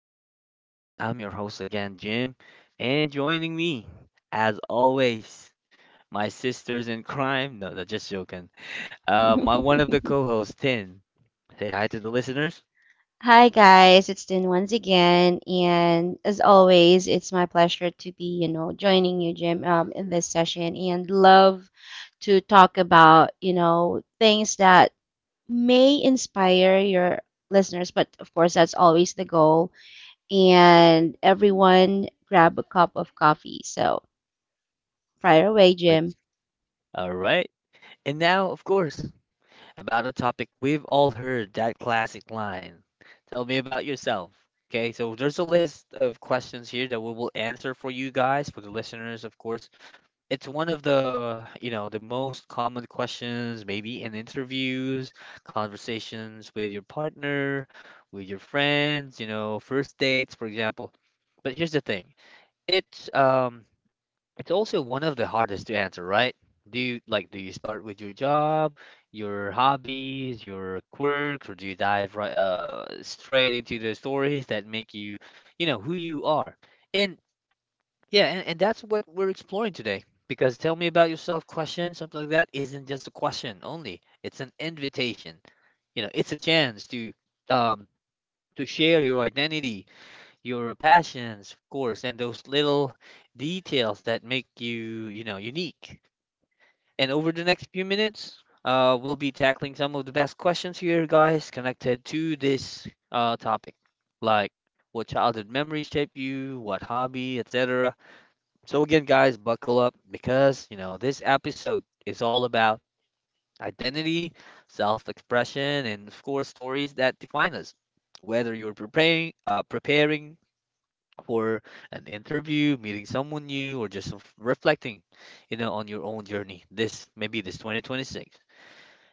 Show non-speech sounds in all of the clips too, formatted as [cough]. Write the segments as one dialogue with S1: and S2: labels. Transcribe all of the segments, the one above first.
S1: today's episode. I'm your host again, Jim, and joining me, as always, my sisters in crime. No, no, just joking. My one of the
S2: [laughs]
S1: co-hosts, Tin. Say hi to the listeners.
S2: Hi guys, it's Din once again, and as always, it's my pleasure to be, joining you, Jim, in this session, and love to talk about, things that may inspire your listeners, but of course, that's always the goal. And everyone grab a cup of coffee. So fire away, Jim.
S1: Let's. All right, and now, of course, about a topic we've all heard that classic line. Tell me about yourself. Okay, so there's a list of questions here that we will answer for you guys, for the listeners, of course. It's one of the the most common questions maybe in interviews, conversations with your partner, with your friends, first dates for example. But here's the thing, it's it's also one of the hardest to answer, right? Do you start with your job, your hobbies, your quirks, or do you dive right straight into the stories that make you you know who you are? And yeah, and that's what we're exploring today. Because tell me about yourself question, something like that, isn't just a question only. It's an invitation. You know, it's a chance um to share your identity, your passions, of course, and those little details that make you, you know, unique. And over the next few minutes, we'll be tackling some of the best questions here, guys, connected to this topic, like what childhood memories shape you, what hobby, etc. So again, guys, buckle up because you know this episode is all about identity, self-expression, and of course, stories that define us. Whether you're preparing for an interview, meeting someone new, or just reflecting, you know, on your own journey. This maybe this 2026.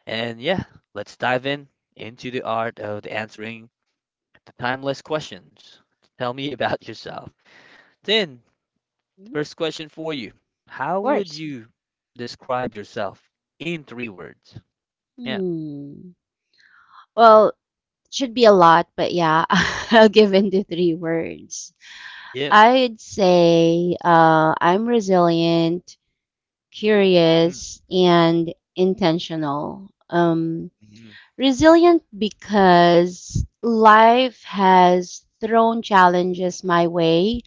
S1: And yeah, let's dive in into the art of the answering the timeless questions. Tell me about yourself. Tin,
S2: Mm. Of
S1: first question for you. How would
S2: course.
S1: you describe yourself in three words? Yeah.
S2: Hmm. Well, it should be a lot, but yeah, [laughs] I'll give in to three words.
S1: Yeah.
S2: I'd say I'm resilient,
S1: Mm,
S2: curious, and intentional.
S1: mhm,
S2: Resilient because life has thrown challenges my way,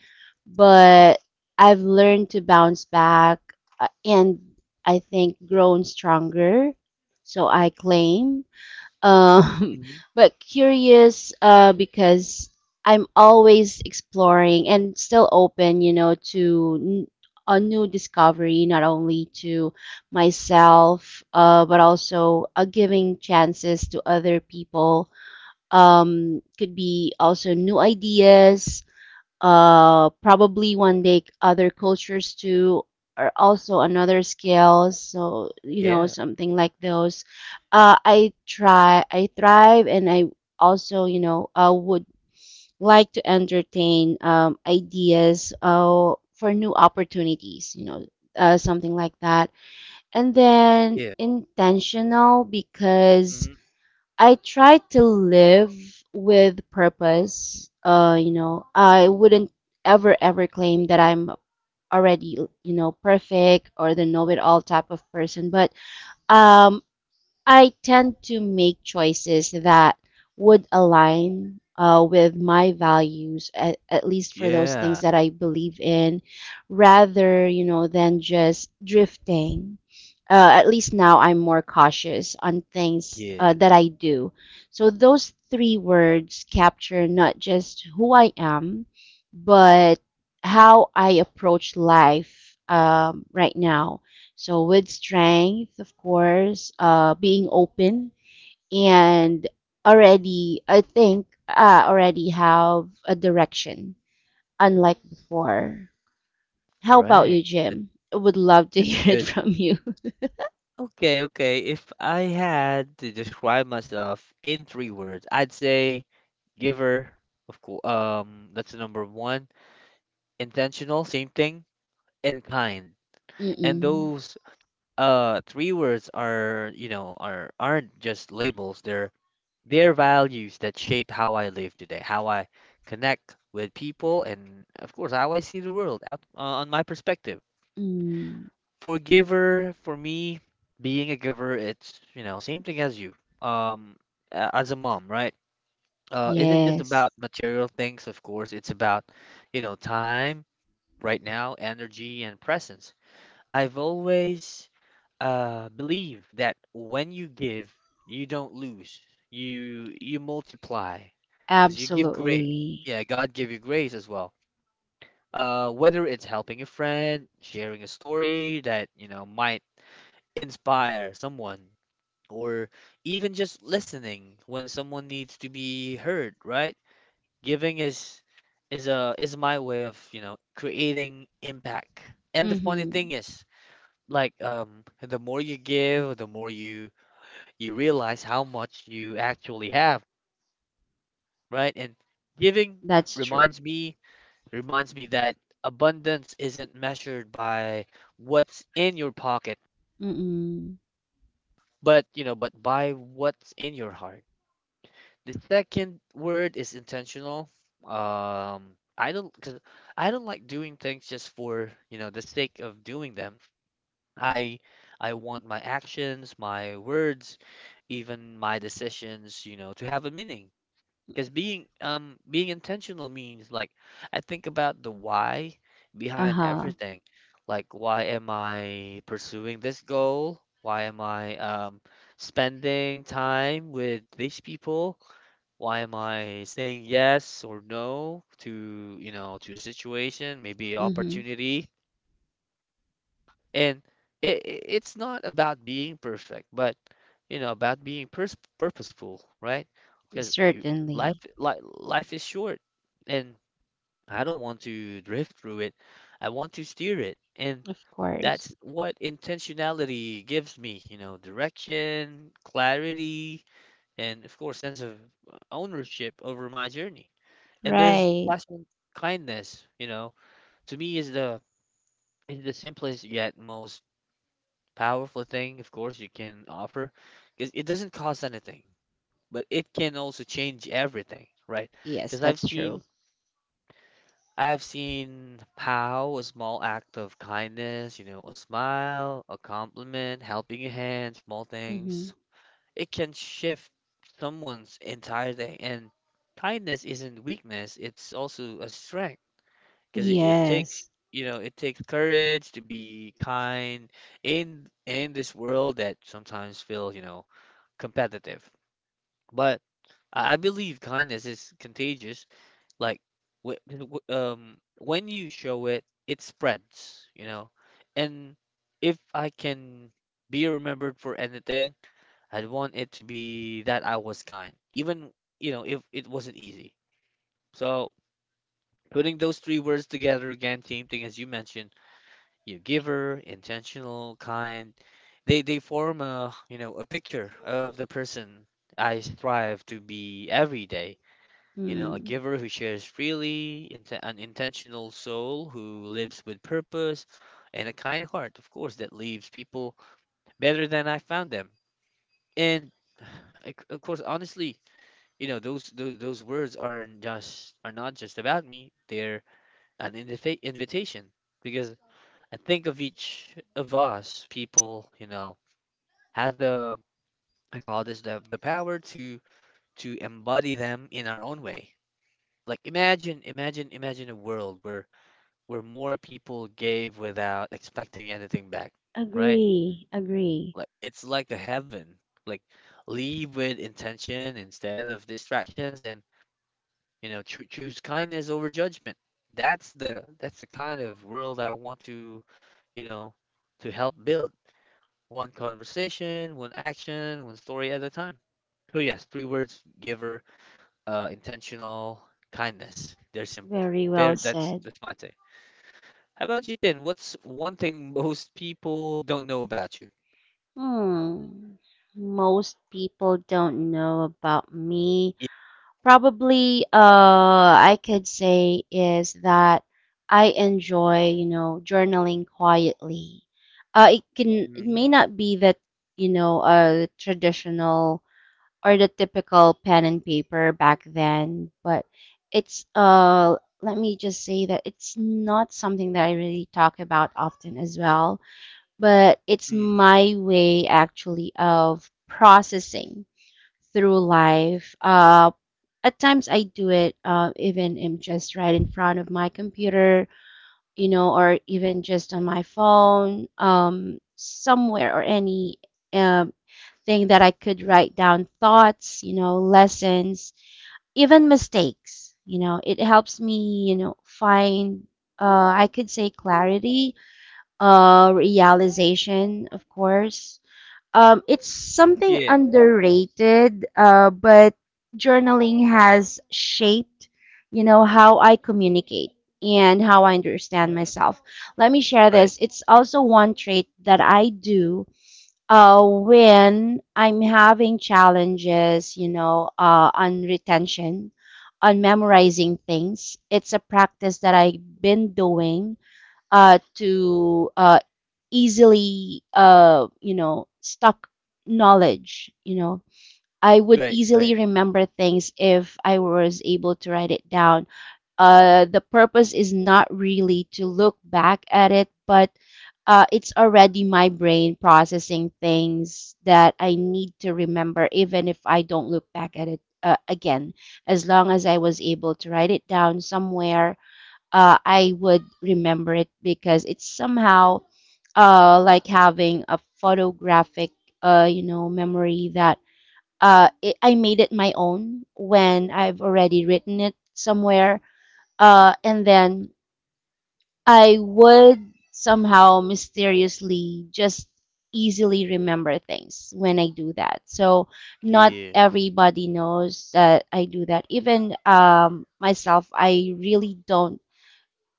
S2: but I've learned to bounce back and I think grown stronger. So I claim um,
S1: mhm.
S2: [laughs] but curious because I'm always exploring and still open, to a new discovery, not only to myself, but also giving chances to other people. Could be also new ideas, probably one day other cultures too are also another scale, so
S1: Yeah.
S2: something like those. I thrive, and I also would like to entertain ideas for new opportunities, something like that. And then
S1: Yeah.
S2: intentional because
S1: Mhm.
S2: I try to live with purpose. I wouldn't ever, ever claim that I'm already, perfect or the know-it-all type of person, but um, I tend to make choices that would align with my values, at least for those things
S1: Yeah.
S2: that I believe in, rather, than just drifting. At least now I'm more cautious on things
S1: Yeah.
S2: that I do. So those three words capture not just who I am, but how I approach life right now, so with strength, of course, being open, and already, I think, already have a direction, unlike before. How about
S1: Right.
S2: you,
S1: That,
S2: Jim? I would love to [laughs]
S1: that's a
S2: hear it
S1: good.
S2: from you.
S1: Okay, okay. If I had to describe myself in three words, I'd say giver, of course. That's the number one. Intentional, same thing, and kind.
S2: [laughs]
S1: And
S2: Mm-mm.
S1: those three words are, you know, aren't just labels. They're their values that shape how I live today, how I connect with people, and of course, how I see the world out on my perspective.
S2: Mm.
S1: For giver, for me, being a giver, it's, you know, same thing as you. Um, as a mom, right? Isn't just
S2: Yes,
S1: about material things, of course, it's about, you know, time right now, energy, and presence. I've always believe that when you give, you don't lose. You multiply because you give grace.
S2: absolutely.
S1: Yeah, God give you grace as well. Whether it's helping a friend, sharing a story that you know might inspire someone, or even just listening when someone needs to be heard, right? Giving is my way of you know creating impact. And the funny
S2: Mm-hmm.
S1: thing is, like the more you give, the more you realize how much you actually have, right? And giving
S2: That's true.
S1: reminds me reminds me that abundance isn't measured by what's in your pocket,
S2: Mm-mm.
S1: but you know, but by what's in your heart. The second word is intentional. Um, I don't cause I don't like doing things just for, you know, the sake of doing them. I I want my actions, my words, even my decisions, you know, to have a meaning. Because being intentional means like I think about the why behind
S2: Uh-huh.
S1: everything. Like why am I pursuing this goal? Why am I spending time with these people? Why am I saying yes or no to, you know, to a situation, maybe
S2: Mm-hmm.
S1: opportunity? And it's not about being perfect but you know about being purposeful, right? Because you, life
S2: Certainly.
S1: li- life is short and I don't want to drift through it. I want to steer it, and
S2: Of
S1: that's
S2: course.
S1: what intentionality gives me, you know, direction, clarity, and of course sense of ownership over my journey. And there's
S2: Right.
S1: last one, kindness. You know, to me is the simplest yet most powerful thing, of course, you can offer because it doesn't cost anything, but it can also change everything, right?
S2: Yes,
S1: Because I've
S2: that's
S1: seen
S2: true.
S1: I've seen how a small act of kindness, you know, a smile, a compliment, helping a hand, small things,
S2: Mm-hmm.
S1: it can shift someone's entire day. And kindness isn't weakness, it's also a strength because it takes
S2: Yes.
S1: you know it takes courage to be kind in this world that sometimes feels you know competitive. But I believe kindness is contagious. Like when you show it it spreads, you know, and if I can be remembered for anything, I'd want it to be that I was kind even, you know, if it wasn't easy. So putting those three words together again, team thing as you mentioned, you giver, intentional, kind, they form a you know a picture of the person I strive to be every day, you know, a
S2: Hmm.
S1: giver who shares freely, an intentional soul who lives with purpose and a kind heart of course that leaves people better than I found them. And of course honestly, you know, those words are not just about me, they're an invitation. Because I think of each of us people, you know, has the, I call this the power to embody them in our own way. Like imagine a world where more people gave without expecting anything back, right?
S2: Agree, agree.
S1: Like it's like a heaven. Like leave with intention instead of distractions, and you know, choose kindness over judgment. That's the kind of world I want to, you know, to help build. One conversation, one action, one story at a time. So yes, three words: giver, intentional, kindness. They're simple.
S2: Very well
S1: That's
S2: said.
S1: my take. How about you, Tin? What's one thing most people don't know about you?
S2: Hmm. Most people don't know about me.
S1: Yeah.
S2: Probably, I could say is that I enjoy, journaling quietly. It it
S1: Mhm,
S2: may not be that, a traditional or the typical pen and paper back then, but it's let me just say that it's not something that I really talk about often as well, but it's
S1: mhm.
S2: my way actually of processing through life. At times I do it even am just right in front of my computer, or even just on my phone, somewhere or any um thing that I could write down thoughts, lessons, even mistakes. It helps me, find, uh, I could say clarity, realization, of course. It's something
S1: Yeah.
S2: underrated, but journaling has shaped, how I communicate and how I understand
S1: Mhm.
S2: myself. Let me share this.
S1: Right.
S2: It's also one trait that I do when I'm having challenges, on retention, on memorizing things. It's a practice that I've been doing to easily, stock knowledge. You know, I would
S1: Right.
S2: easily
S1: Right.
S2: remember things if I was able to write it down. The purpose is not really to look back at it, but it's already my brain processing things that I need to remember, even if I don't look back at it again. As long as I was able to write it down somewhere, I would remember it because it's somehow like having a photographic, memory that I made it my own when I've already written it somewhere, and then I would somehow mysteriously just easily remember things when I do that. So not
S1: Yeah.
S2: everybody knows that I do that. Even myself, I really don't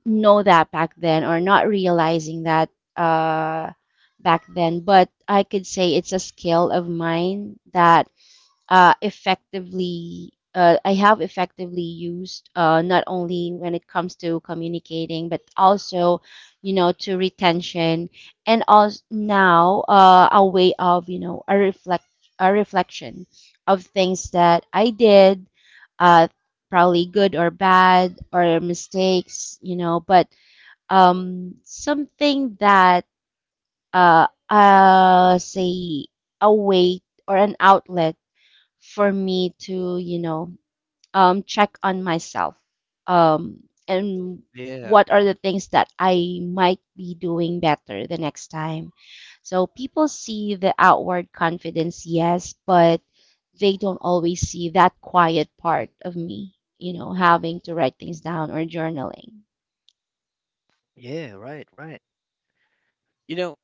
S2: know that back then or not realizing that uh, back then. But I could say it's a skill of mine that effectively I have effectively used, not only when it comes to communicating but also to retention, and also now a way of, a reflection of things that I did, uh, probably good or bad or mistakes, but something that, say, a way or an outlet for me to, check on myself, um, and
S1: Yeah.
S2: what are the things that I might be doing better the next time. So people see the outward confidence, yes, but they don't always see that quiet part of me, having to write things down or journaling.
S1: Yeah. Right. Right. You know,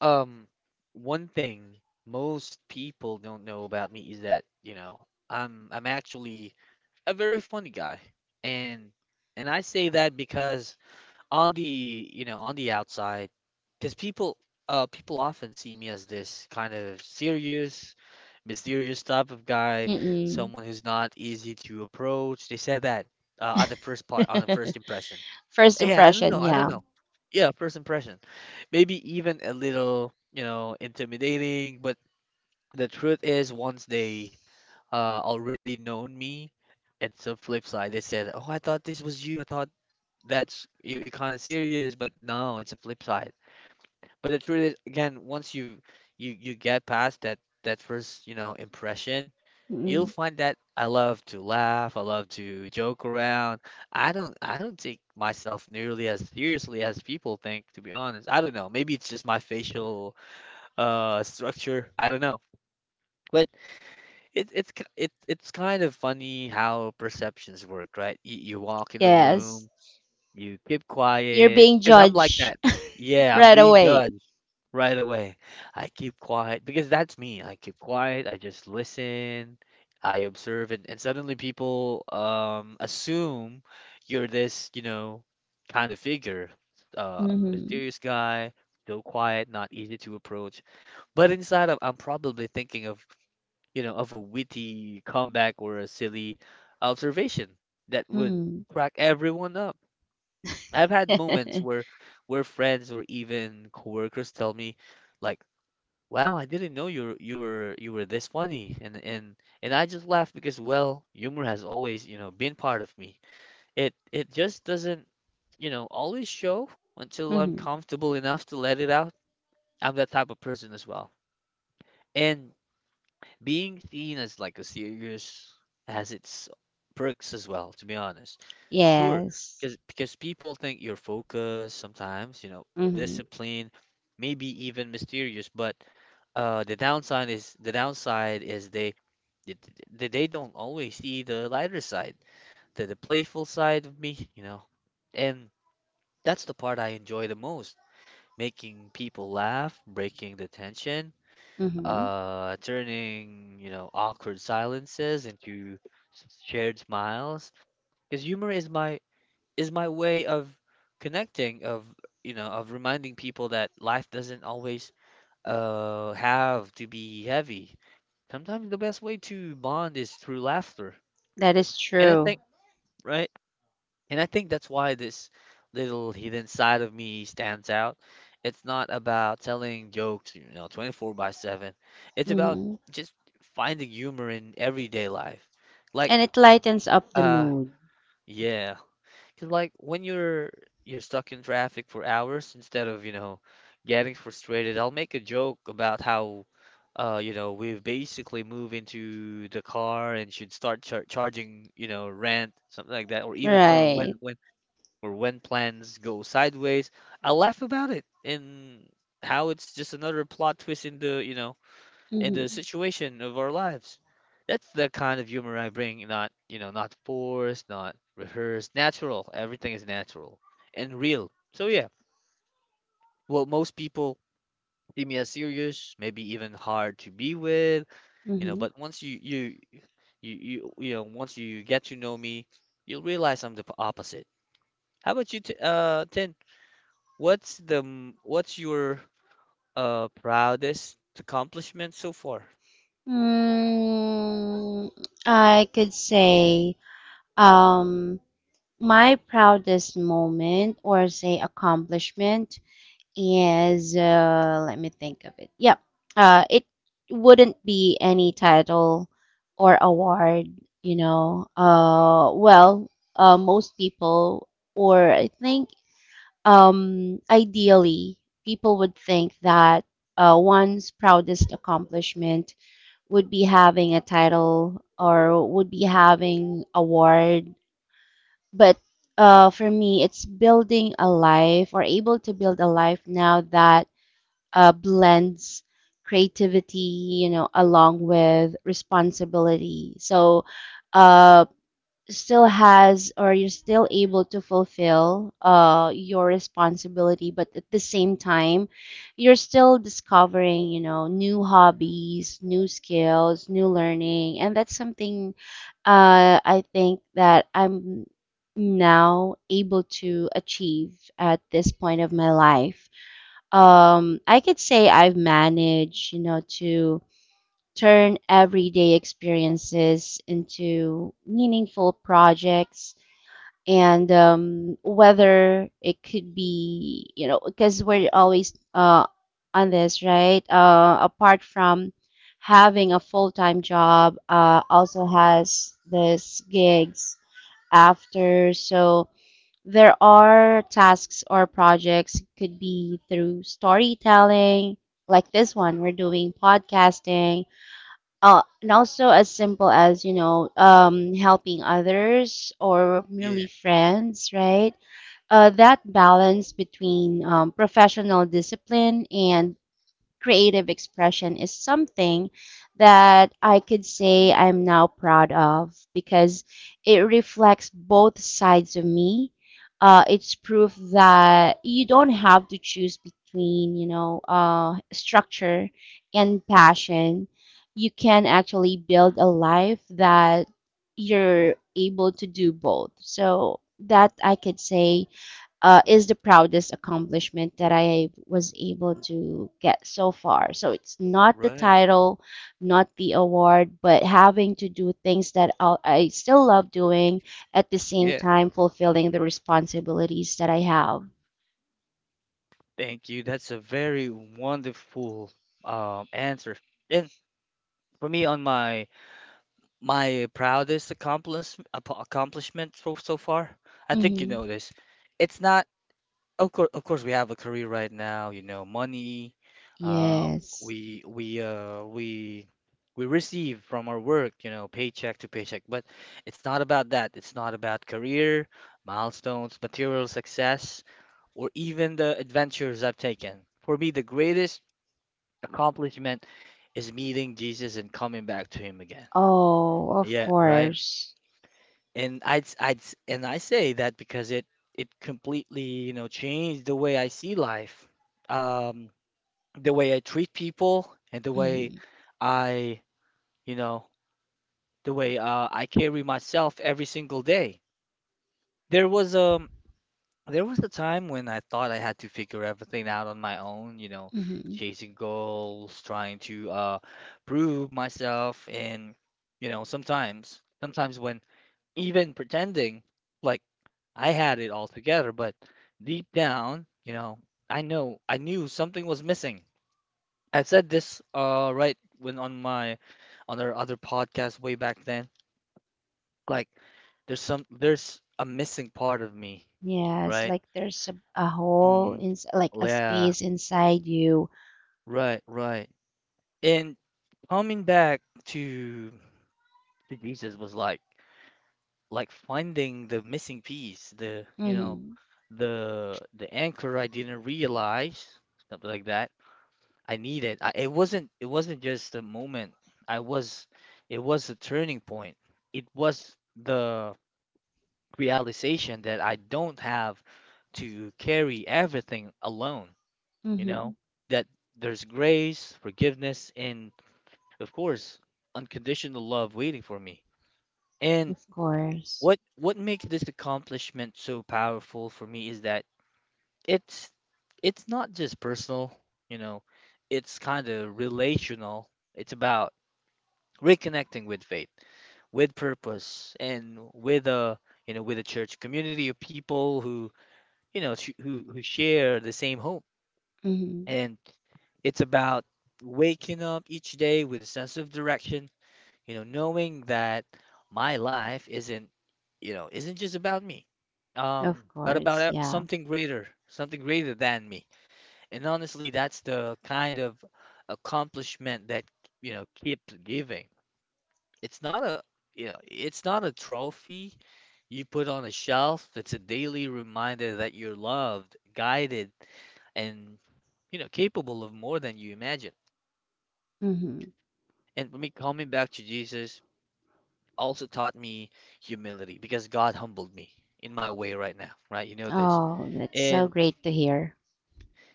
S1: um, one thing most people don't know about me is that, you know, I'm actually a very funny guy. And and I say that because on the, you know, on the outside, because people often see me as this kind of serious, mysterious type of guy,
S2: Mm-mm.
S1: someone who's not easy to approach. They said that on the first part, on the first
S2: [laughs]
S1: impression.
S2: First
S1: Yeah, I don't know.
S2: impression,
S1: I don't
S2: yeah.
S1: know. Yeah, first impression. Maybe even a little, you know, intimidating, but the truth is once they already known me, it's a flip side. They said, "Oh, I thought this was you. I thought that's you you're kind of serious, but no, it's a flip side." But the truth is again, once you get past that first, you know, impression, you'll
S2: Mm-mm.
S1: find that I love to laugh, I love to joke around. I don't take myself nearly as seriously as people think, to be honest. I don't know. Maybe it's just my facial structure. I don't know. But it, it's k- it, it's kind of funny how perceptions work, right? You walk in the
S2: Yes.
S1: room, you keep
S2: You're
S1: quiet,
S2: being
S1: because I'm like
S2: judged
S1: that.
S2: [laughs]
S1: Yeah, I'm
S2: right
S1: being
S2: away.
S1: judged right away. I keep quiet because that's me. I keep quiet. I just listen. I observe, and, suddenly people assume you're this, you know, kind of figure,
S2: Mm-hmm.
S1: mysterious guy, so quiet, not easy to approach. But inside, I'm probably thinking of, you know, of a witty comeback or a silly observation that would
S2: Mm-hmm.
S1: crack everyone up. I've had moments where
S2: [laughs]
S1: where friends or even coworkers tell me, like wow, I didn't know you were this funny, and and I just laugh because well, humor has always you know been part of me. It just doesn't you know always show until I'm
S2: Hmm.
S1: comfortable enough to let it out. I'm that type of person as well, and being seen as like a serious has its perks as well. To be honest, sure,
S2: Yes.
S1: because people think you're focused sometimes, you know,
S2: Hmm.
S1: disciplined, maybe even mysterious, but the downside is they, they don't always see the lighter side, the playful side of me, you know. And that's the part I enjoy the most, making people laugh, breaking the tension,
S2: Hmm.
S1: turning, you know, awkward silences into shared smiles. Because humor is my way of connecting, of you know, of reminding people that life doesn't always have to be heavy. Sometimes the best way to bond is through laughter.
S2: That is
S1: And I
S2: true.
S1: think, right? And I think that's why this little hidden side of me stands out. It's not about telling jokes, you know, 24 by 7. It's about
S2: Hmm.
S1: just finding humor in everyday life. Like,
S2: And it lightens up the
S1: uh,
S2: mood.
S1: yeah, cause like when you're stuck in traffic for hours instead of, you know, getting frustrated, I'll make a joke about how you know, we've basically moved into the car and should start charging, you know, rent, something like that, or even or when
S2: Right.
S1: when or when plans go sideways. I laugh about it and how it's just another plot twist in the
S2: Hmm.
S1: situation of our lives. That's the kind of humor I bring, not, you know, not forced, not rehearsed, natural. Everything is natural and real. So yeah, well, most people see me as serious, maybe even hard to be with, you know,
S2: Hmm.
S1: but once you know, once you get to know me, you'll realize I'm the opposite. How about you, t Tin? What's the what's your proudest accomplishment so far?
S2: Mm, I could say um, my proudest moment or say accomplishment. Yes, let me think of it. Yep. It wouldn't be any title or award, you know. Well, most people, or I think, ideally, people would think that one's proudest accomplishment would be having a title or would be having award. But for me, it's building a life or able to build a life now that blends creativity, along with responsibility. So, uh, still has or you're still able to fulfill your responsibility, but at the same time, you're still discovering, new hobbies, new skills, new learning, and that's something I think that I'm now able to achieve at this point of my life. I could say I've managed, to turn everyday experiences into meaningful projects. And whether it could be, because we're always on this, right? Apart from having a full time job, also has this gigs after. So there are tasks or projects could be through storytelling, like this one we're doing, podcasting, and also as simple as, helping others or
S1: Yeah,
S2: merely friends, right? That balance between professional discipline and creative expression is something that I could say I'm now proud of because it reflects both sides of me. It's proof that you don't have to choose between, structure and passion. You can actually build a life that you're able to do both. So that I could say is the proudest accomplishment that I was able to get so far. So it's not the
S1: right.
S2: title, not the award, but having to do things that I still love doing at the same
S1: Yeah.
S2: time, fulfilling the responsibilities that I have.
S1: Thank you. That's a very wonderful answer. And for me, on my proudest accomplishment so far, I think you
S2: Hmm.
S1: know this. It's not of course we have a career right now, you know, money. Um,
S2: Yes.
S1: we we uh we we receive from our work, you know, paycheck to paycheck. But it's not about that. It's not about career, milestones, material success, or even the adventures I've taken. For me, the greatest accomplishment is meeting Jesus and coming back to him again.
S2: Oh, of
S1: Yeah, right.
S2: course.
S1: And I'd i I'd and I say that because it completely, you know, changed the way I see life. Um, the way I treat people and the way
S2: Hmm.
S1: I, you know, the way I carry myself every single day. There was a. There was a time when I thought I had to figure everything out on my own, you know,
S2: Hmm.
S1: chasing goals, trying to prove myself and you know, sometimes when even pretending like I had it all together, but deep down, you know, I knew something was missing. I said this right when on my on our other podcast way back then, like there's a missing part of me,
S2: Yes,
S1: right?
S2: like there's a
S1: Mm
S2: hole
S1: mm.
S2: in, like a
S1: Yeah,
S2: space inside you.
S1: right, right. And coming back to to Jesus was like finding the missing piece, the you know,
S2: Hmm.
S1: the anchor I didn't realize, something like that, I needed. It wasn't just a moment. I was It was a turning point. It was the realization that I don't have to carry everything alone, you know,
S2: Hmm.
S1: that there's grace, forgiveness, and of course, unconditional love waiting for me. And
S2: Of course.
S1: what makes this accomplishment so powerful for me is that it's it's not just personal, you know, it's kind of relational. It's about reconnecting with faith, with purpose, and with a you know with a church community of people who you know who share the same hope.
S2: Mhm.
S1: And it's about waking up each day with a sense of direction, you know, knowing that my life isn't, you know, isn't just about me, um,
S2: Of
S1: but about
S2: course, yeah.
S1: something greater, something greater than me. And honestly, that's the kind of accomplishment that, you know, keeps giving. It's not a, you know, it's not a trophy you put on a shelf. It's a daily reminder that you're loved, guided, and, you know, capable of more than you imagine.
S2: Hmm.
S1: And let me, coming back to Jesus, also taught me humility because God humbled me in my way right now, right? You know this.
S2: Oh, that's so
S1: And
S2: great to hear.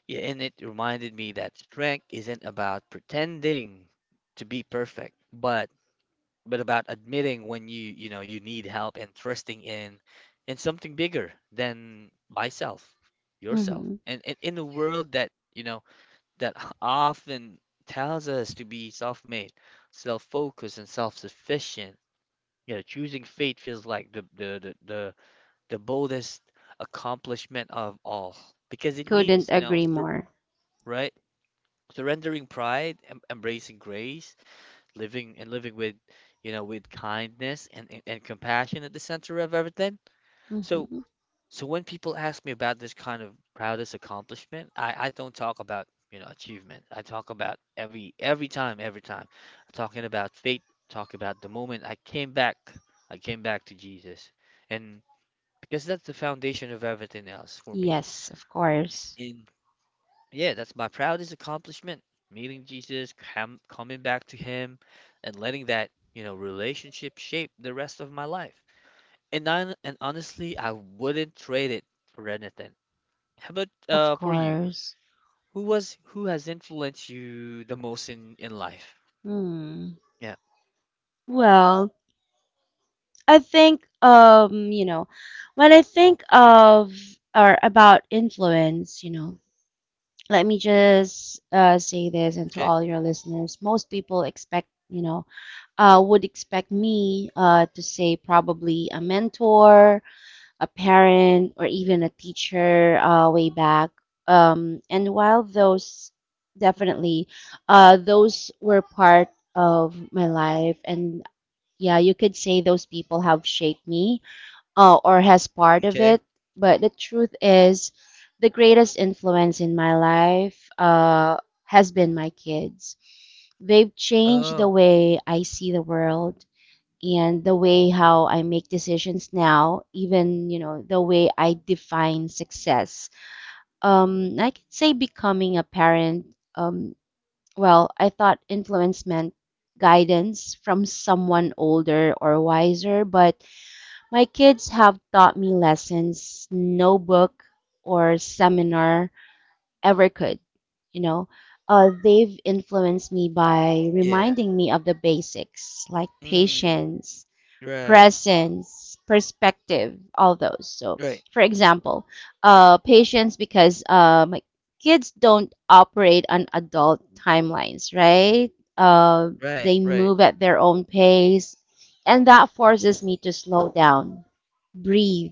S1: yeah, and it reminded me that strength isn't about pretending to be perfect, but about admitting when you know, you need help and trusting in something bigger than yourself.
S2: Hmm.
S1: And in a world that, you know, that [laughs] often tells us to be self-made, self-focused, and self-sufficient, yeah, choosing faith feels like the the boldest accomplishment of all because it
S2: Couldn't
S1: means, you know,
S2: agree more.
S1: right? Surrendering pride, embracing grace, living with, you know, with kindness and compassion at the center of everything. So,
S2: Hmm.
S1: so when people ask me about this kind of proudest accomplishment, I don't talk about, you know, achievement. I talk about every time. I'm talking about faith, talk about the moment I came back to Jesus. And because that's the foundation of everything else for me.
S2: Yes, of course.
S1: And yeah, that's my proudest accomplishment: meeting Jesus, coming back to Him, and letting that, you know, relationship shape the rest of my life. And honestly, I wouldn't trade it for anything. How about
S2: Of
S1: for you?
S2: course.
S1: Who was who has influenced you the most in life?
S2: Hmm.
S1: Yeah.
S2: Well, I think when I think of or about influence, let me just say this and to
S1: Okay.
S2: all your listeners, most people expect, would expect me to say probably a mentor, a parent, or even a teacher way back. And while those definitely, those were part of my life, and yeah, you could say those people have shaped me or has part of
S1: Okay.
S2: it. But the truth is, the greatest influence in my life has been my kids. They've changed the
S1: Oh,
S2: way I see the world, and the way how I make decisions now, even the way I define success. I could say becoming a parent. Well, I thought influence meant guidance from someone older or wiser, but my kids have taught me lessons no book or seminar ever could. You know, they've influenced me by
S1: yeah.
S2: reminding me of the basics, like
S1: Mm,
S2: patience,
S1: right.
S2: presence, perspective, all those. So,
S1: Right.
S2: for example, patience, because my kids don't operate on adult timelines, right? Uh,
S1: Right.
S2: they
S1: Right.
S2: move at their own pace, and that forces me to slow down, breathe,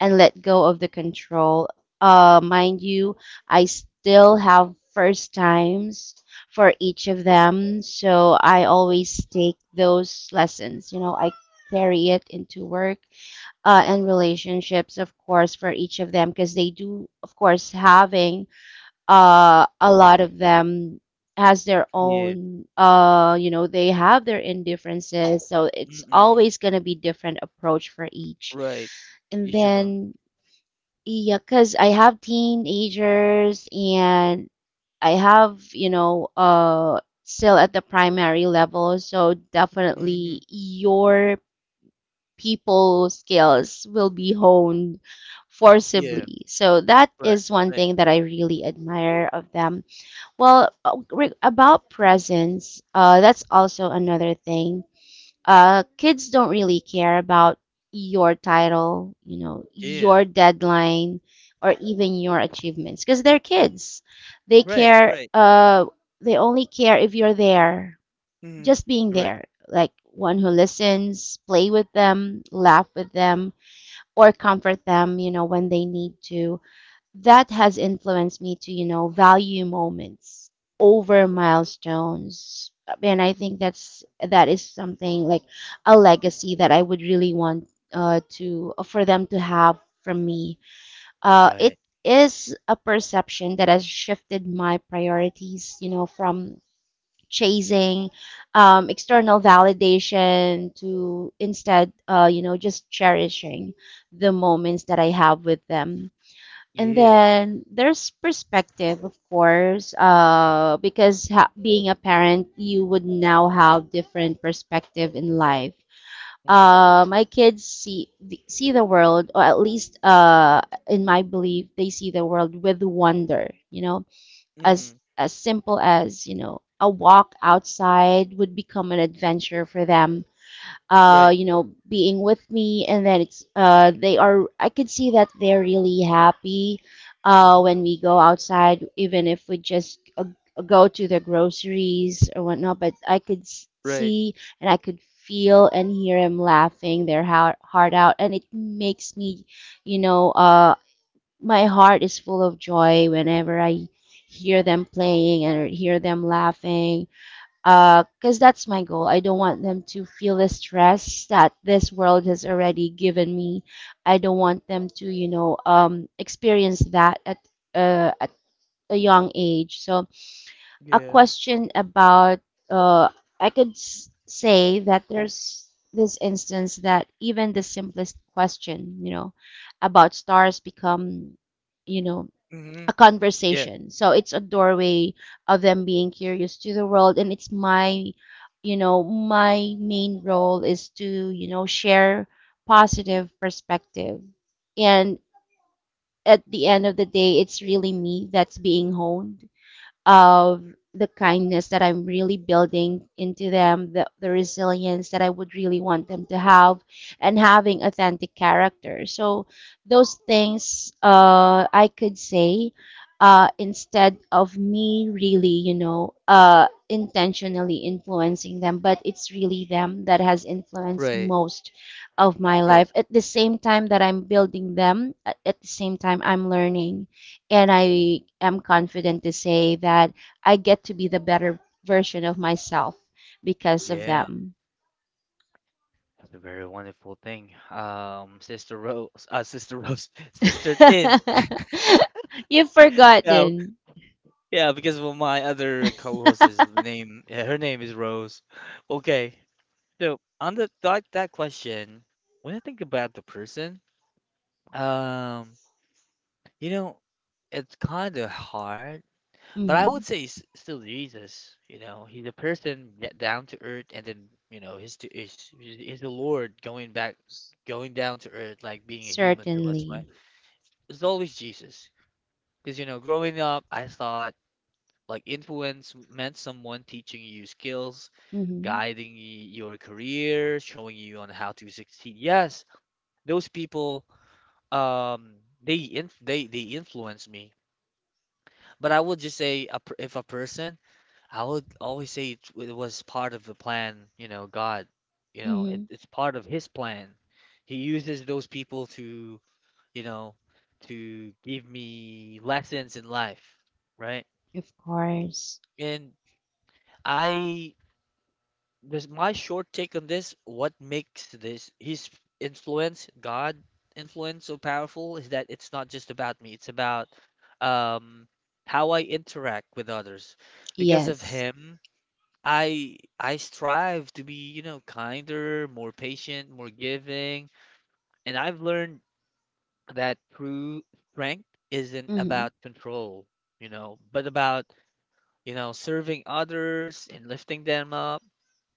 S2: and let go of the control. Mind you, I still have first times for each of them, so I always take those lessons. You know, I carry it into work and relationships, of course, for each of them because they do, of course, having a lot of them, has their
S1: Yeah.
S2: own, they have their indifferences, so it's
S1: Mm-mm.
S2: always going to be different approach for each.
S1: Right.
S2: And
S1: Each of them.
S2: then yeah, because I have teenagers and I have, still at the primary level. So
S1: Mm,
S2: definitely your people skills will be honed
S1: yeah.
S2: forcibly. So that
S1: Right.
S2: is one
S1: Right.
S2: thing that I really admire of them. Well, about presence, that's also another thing. Kids don't really care about your title, your
S1: Yeah.
S2: deadline, or even your achievements because they're kids. They
S1: Right,
S2: care.
S1: right.
S2: They only care if you're there,
S1: Mhm.
S2: just being
S1: Right.
S2: there, like one who listens, play with them, laugh with them, or comfort them, you know, when they need to. That has influenced me to, you know, value moments over milestones, and I think that is something like a legacy that I would really want to for them to have from me. It
S1: Right.
S2: is a perception that has shifted my priorities, you know, from chasing external validation to instead, you know, just cherishing the moments that I have with them. And
S1: Yeah.
S2: then there's perspective, of course, because being a parent, you would now have different perspective in life.
S1: Mhm.
S2: My kids see the world, or at least, in my belief, they see the world with wonder. You know, as
S1: Mhm.
S2: as simple as, you know, a walk outside would become an adventure for them,
S1: Right.
S2: you know, being with me, and then it's they are. I could see that they're really happy
S1: Mhm.
S2: when we go outside, even if we just, go to the groceries or whatnot. But I could
S1: Right.
S2: see and I could feel and hear them laughing their heart out, and it makes me, you know, my heart is full of joy whenever I hear them playing and hear them laughing, because that's my goal. I don't want them to feel the stress that this world has already given me. I don't want them to, you know, experience that at a young age. So a
S1: Yeah.
S2: question about, uh, I could say that there's this instance that even the simplest question, you know, about stars become, you know, a
S1: Mhm. Yeah.
S2: conversation. So it's a doorway of them being curious to the world, and it's my, you know, my main role is to, you know, share positive perspective. And at the end of the day, it's really me that's being honed of the kindness that I'm really building into them, the resilience that I would really want them to have, and having authentic character. So, those things, I could say, instead of me really, you know, intentionally influencing them, but it's really them that has influenced
S1: Right.
S2: most of my life.
S1: Right.
S2: At the same time that I'm building them, at the same time I'm learning, and I am confident to say that I get to be the better version of myself because of
S1: Yeah.
S2: them.
S1: That's a very wonderful thing. Sister Rose, [laughs] Sister Rose, [laughs] Sister Tin.
S2: [laughs] You've
S1: Yeah,
S2: forgotten.
S1: yeah, because of my other co-host's
S2: [laughs]
S1: name, yeah, her name is Rose. [laughs] Okay, so on the that that question, when I think about the person, um, you know, it's kind of hard. But I would
S2: Hmm.
S1: say still Jesus. You know, he's a person that down to earth, and then you know, he's to is the Lord going back, going down to earth, like being a human to us, right?
S2: Certainly.
S1: It's always Jesus, because you know, growing up, I thought like influence meant someone teaching you skills,
S2: Hmm.
S1: guiding your career, showing you on how to succeed. Yes, those people, um, they inf they influence me. But I would just say, if a person, I would always say it, it was part of the plan, you know, God, you know,
S2: Hmm.
S1: it's part of his plan. He uses those people to, you know, to give me lessons in life, right?
S2: Of course.
S1: And I, this my short take on this, what makes this his influence, God influence so powerful is that it's not just about me, it's about um how I interact with others. Because of
S2: Yes.
S1: him, I strive to be, you know, kinder, more patient, more giving, and I've learned that true strength isn't
S2: Hmm.
S1: about control, you know, but about, you know, serving others and lifting them up.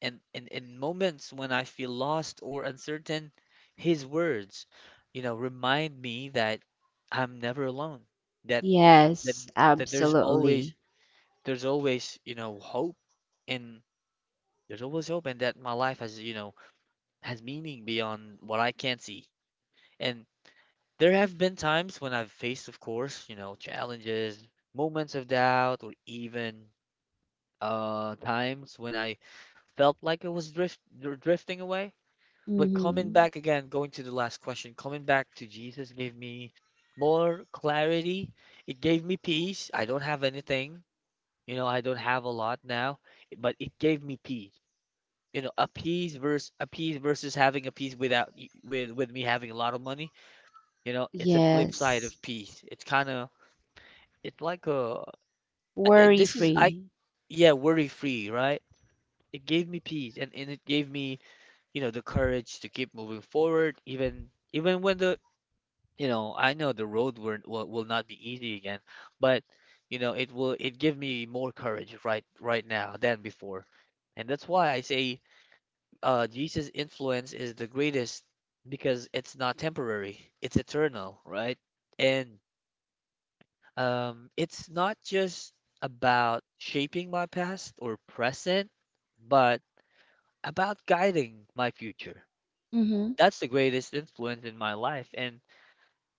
S1: And in moments when I feel lost or uncertain, his words, you know, remind me that I'm never alone, that that
S2: Yes,
S1: that there's always
S2: absolutely.
S1: you know, hope and there's always hope and that my life has, you know, has meaning beyond what I can see. And there have been times when I've faced, of course, you know, challenges, moments of doubt, or even times when I felt like I was drifting away. But coming
S2: Hmm.
S1: back again, going to the last question, coming back to Jesus gave me more clarity. It gave me peace. I don't have anything, you know, I don't have a lot now, but it gave me peace. You know, a peace versus having a peace without with me having a lot of money. You know, it's a flip side
S2: Yes.
S1: of peace. It's kind of, it's like a. it,
S2: Worry
S1: this is, I,
S2: free.
S1: yeah, worry free, right? It gave me peace, and it gave me, you know, the courage to keep moving forward, even, even when the, you know, I know the road will not be easy again, but, you know, it give me more courage right now than before. And that's why I say, Jesus' influence is the greatest because it's not temporary, it's eternal, right? And um, it's not just about shaping my past or present, but about guiding my future.
S2: Hmm.
S1: That's the greatest influence in my life, and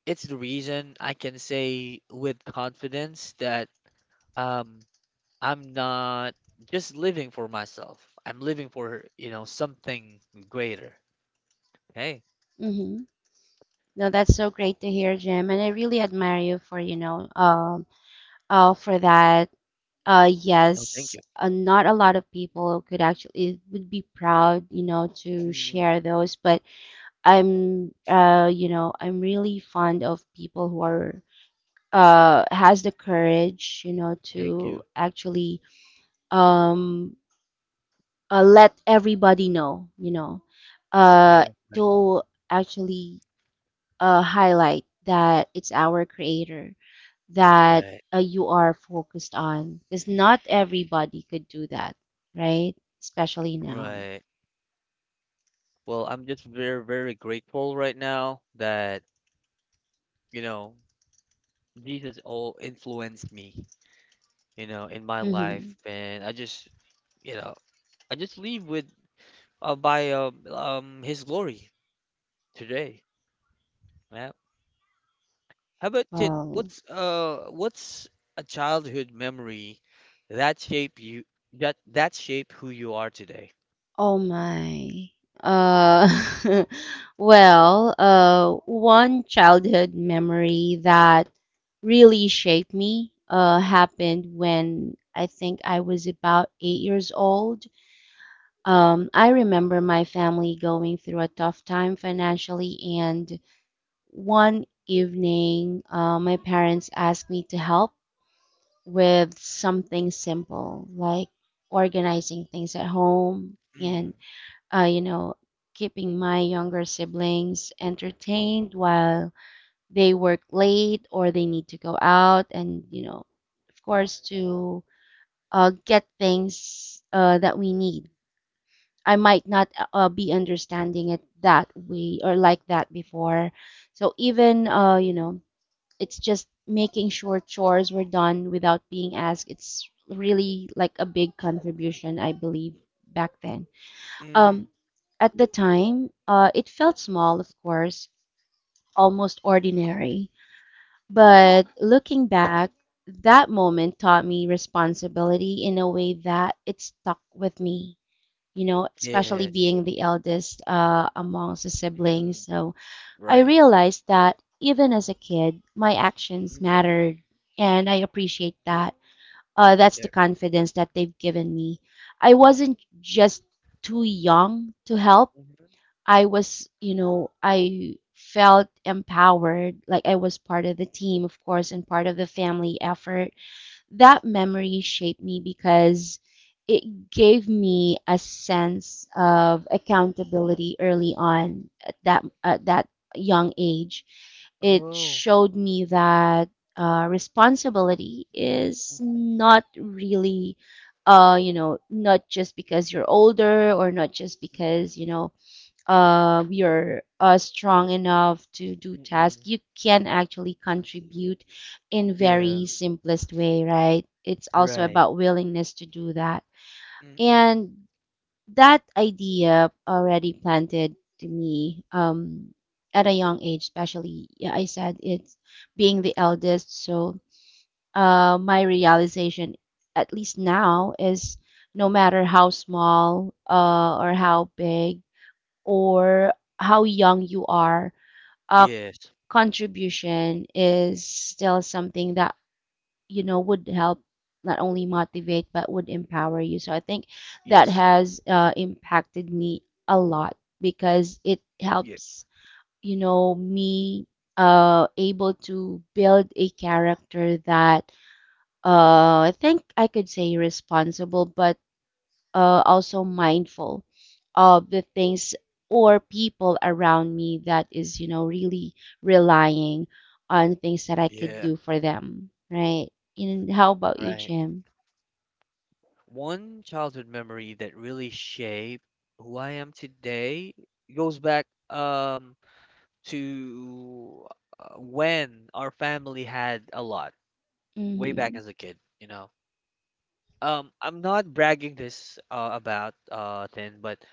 S1: it's the reason I can say with confidence that um, I'm not just living for myself. I'm living for, you know, something greater. Hey,
S2: Hmm. No, that's so great to hear, Jim, and I really admire you for, you know, for that.
S1: oh, thank
S2: Yes,
S1: you.
S2: not a lot of people could actually would be proud, you know, to
S1: Mm,
S2: share those, but I'm, you know, I'm really fond of people who are, has the courage, you know,
S1: thank
S2: to
S1: you.
S2: actually, um, let everybody know, you know, uh,
S1: Yeah, right,
S2: to actually, highlight that it's our creator that,
S1: right,
S2: you are focused on, because not everybody could do that, right? Especially now.
S1: right. Well, I'm just very, very grateful right now that you know, Jesus all influenced me, you know, in my
S2: Mm-hmm.
S1: life, and I just, you know, I just leave with by um, His glory today. Yeah. How about Tin?
S2: Well,
S1: What's a childhood memory that shape you that that shape who you are today?
S2: oh my. Uh, [laughs] well, one childhood memory that really shaped me happened when I think I was about 8 years old. I remember my family going through a tough time financially, and one evening, my parents asked me to help with something simple like organizing things at home, and,
S1: Mm,
S2: you know, keeping my younger siblings entertained while they work late or they need to go out and, you know, of course, to get things that we need. I might not, be understanding it that way or like that before. So even, you know, it's just making sure chores were done without being asked. It's really like a big contribution, I believe, back then.
S1: mm,
S2: Um, at the time, it felt small, of course, almost ordinary. But looking back, that moment taught me responsibility in a way that it stuck with me, you know, especially
S1: yes.
S2: being the eldest, amongst the siblings.
S1: Mm-mm,
S2: So I
S1: right.
S2: realized that even as a kid, my actions
S1: Mm-mm,
S2: mattered, and I appreciate that. That's the
S1: okay.
S2: confidence that they've given me. I wasn't just too young to help.
S1: Mm-hmm.
S2: I was, you know, I felt empowered, like I was part of the team, of course, and part of the family effort. That memory shaped me because it gave me a sense of accountability early on, at that young age. It
S1: Oh.
S2: showed me that, responsibility is
S1: Mm-mm,
S2: not really, you know, not just because you're older, or not just because
S1: mm-mm,
S2: you know, you're, strong enough to do tasks,
S1: mm-mm.
S2: you can actually contribute in
S1: Yeah.
S2: very simplest way, right? It's also
S1: Right.
S2: about willingness to do that.
S1: Mm-mm.
S2: And that idea already planted to me, at a young age, especially. Yeah, I said it's being the eldest, so, my realization, at least now, is no matter how small, or how big, or how young you are, a
S1: Yes,
S2: contribution is still something that, you know, would help not only motivate but would empower you. So I think that
S1: yes,
S2: has, impacted me a lot, because it
S1: yeah,
S2: helps, you know, me, able to build a character that, I think I could say responsible, but, also mindful of the things or people around me that is, you know, really relying on things that I could
S1: yeah,
S2: do for them, right? And how about you,
S1: right.
S2: Jim?
S1: One childhood memory that really shaped who I am today goes back um to when our family had a lot, way
S2: Mm-hmm.
S1: back as a kid, you know. I'm not bragging this about then, but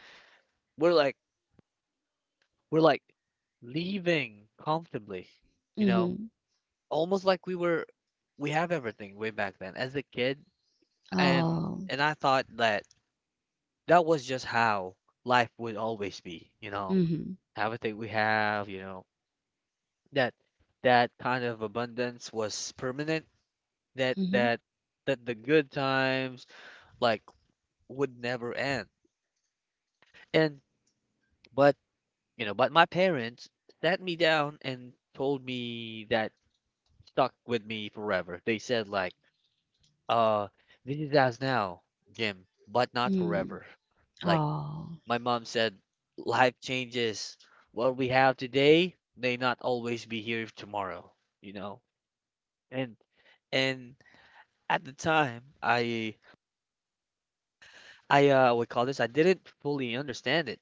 S1: we're like we're like leaving comfortably, you know,
S2: Mm-hmm.
S1: almost like we have everything way back then as a kid, and
S2: Oh.
S1: I thought that That was just how life would always be.
S2: Mm-hmm.
S1: Everything we have, that that kind of abundance was permanent. That
S2: Mm-hmm.
S1: that that the good times like would never end. And but you know, but my parents sat me down and told me that stuck with me forever. They said like, uh, this is us now, Jim, but not
S2: Mm.
S1: forever. Like,
S2: Oh.
S1: my mom said, life changes. What we have today may not always be here tomorrow, you know? And and at the time, I what call this? I didn't fully understand it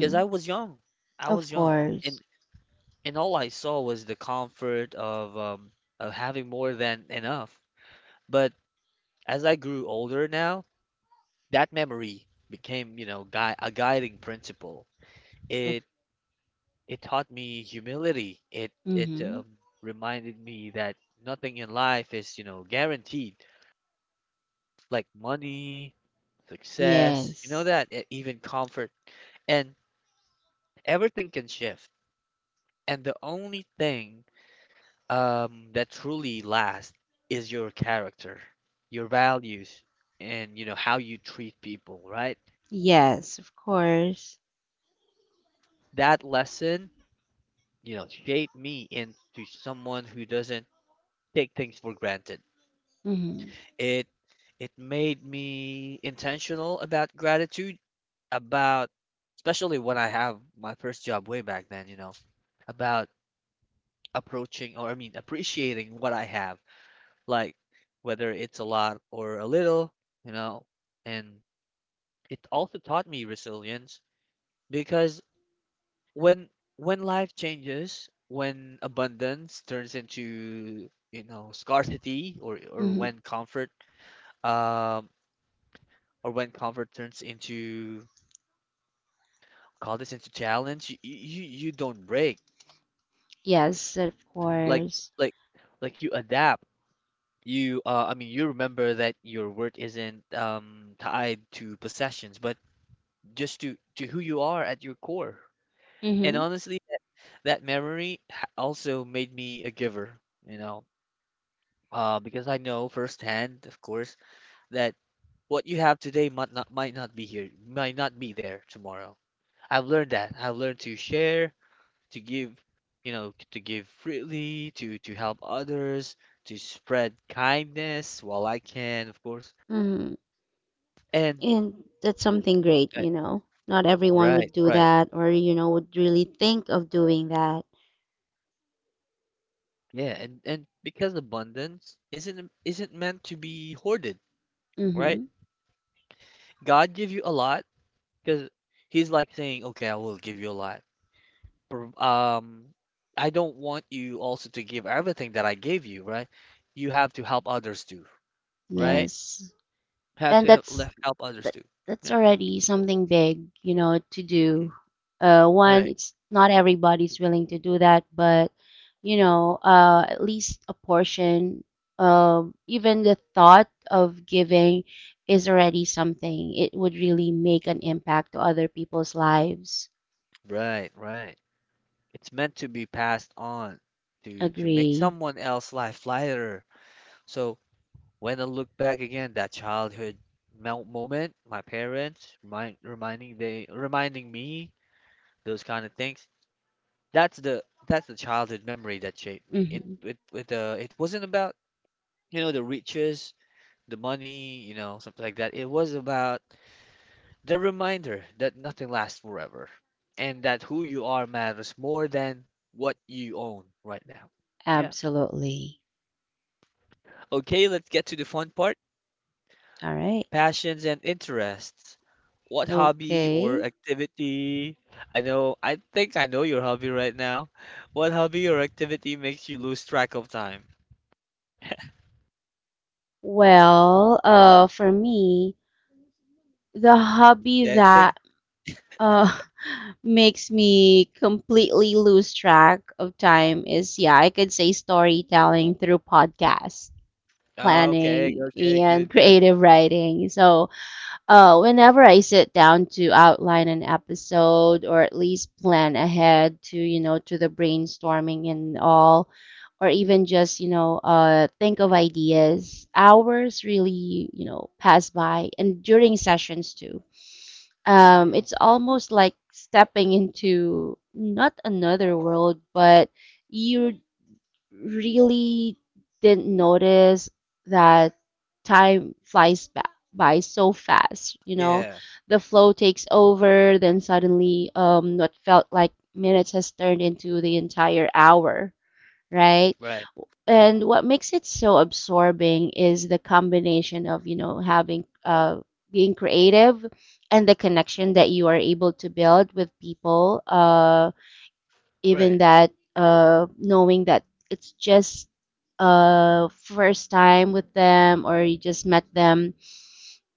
S1: because I was young. I
S2: Of
S1: was young,
S2: course.
S1: and and all I saw was the comfort of having more than enough. But as I grew older now, that memory became, gui a guiding principle.
S2: Of,
S1: It It taught me humility. It
S2: mm-hmm.
S1: Reminded me that nothing in life is, guaranteed. Like money, success,
S2: Yes.
S1: even comfort, and everything can shift. And the only thing that truly lasts is your character, your values, and you know how you treat people, right?
S2: Yes, of course.
S1: That lesson, shaped me into someone who doesn't take things for granted.
S2: Mm-hmm.
S1: It it made me intentional about gratitude, about especially when I have my first job way back then, about approaching or I mean appreciating what I have, like whether it's a lot or a little, you know, and it also taught me resilience because when when life changes, when abundance turns into, scarcity or
S2: Mm-hmm.
S1: when um comfort turns into call this into challenge you, you don't break
S2: Yes, of
S1: like
S2: course.
S1: like like you adapt. You I mean you remember that your worth isn't tied to possessions but just to who you are at your core. And
S2: Mm-hmm.
S1: honestly that, also made me a giver, you know. Because I know firsthand, of course, that what you have today might not, might not be here, might not be there tomorrow. I've learned to share, to give, to give freely, to help others, to spread kindness while I can, of course.
S2: Mm-hmm.
S1: And
S2: And that's something
S1: mm,
S2: great,
S1: uh,
S2: you know. Not everyone
S1: right,
S2: would do
S1: right.
S2: that or, you know, would really think of doing that.
S1: Yeah, and because abundance isn't meant to be hoarded, right?
S2: Mm-hmm.
S1: God give you a lot because he's like saying, "Okay, I will give you a lot." But, I don't want you also to give everything that I gave you, right? You have to help others too, right?
S2: Yes.
S1: Have
S2: And
S1: to help, help others
S2: that,
S1: too.
S2: that's
S1: Yeah.
S2: already something big, you know, to do.
S1: Mm.
S2: One,
S1: Right.
S2: it's not everybody's willing to do that, but you know, at least a portion. Even the thought of giving is already something. It would really make an impact to other people's lives.
S1: Right, right. It's meant to be passed on to make
S2: Agree.
S1: someone else's life lighter. So when I look back again, that childhood moment, my parents reminding me those kind of things. That's the childhood memory that shaped me. It
S2: Hmm.
S1: it with uh it wasn't about the riches, the money, something like that. It was about the reminder that nothing lasts forever and that who you are matters more than what you own right now. Yeah.
S2: Absolutely.
S1: Okay, let's get to the fun part,
S2: All right.
S1: passions and interests. What hobby or
S2: Okay.
S1: activity? I know, I think I know your hobby right now. What hobby or activity makes you lose track of time?
S2: Well, for me, the hobby
S1: Dancing?
S2: that, uh [laughs] makes me completely lose track of time is, yeah, I could say storytelling through podcasts,
S1: Okay,
S2: planning,
S1: okay,
S2: and
S1: good, good.
S2: creative writing. So, whenever I sit down to outline an episode or at least plan ahead to, you know, to the brainstorming and all, or even just, you know, think of ideas, hours really, you know, pass by and during sessions too.
S1: Mm,
S2: It's almost like stepping into not another world, but you really didn't notice that time flies by so fast. You know,
S1: yeah,
S2: the flow takes over, then suddenly, what felt like minutes has turned into the entire hour, right?
S1: right,
S2: And what makes it so absorbing is the combination of, you know, having, being creative and the connection that you are able to build with people, even
S1: right.
S2: that, knowing that it's just, first time with them or you just met them.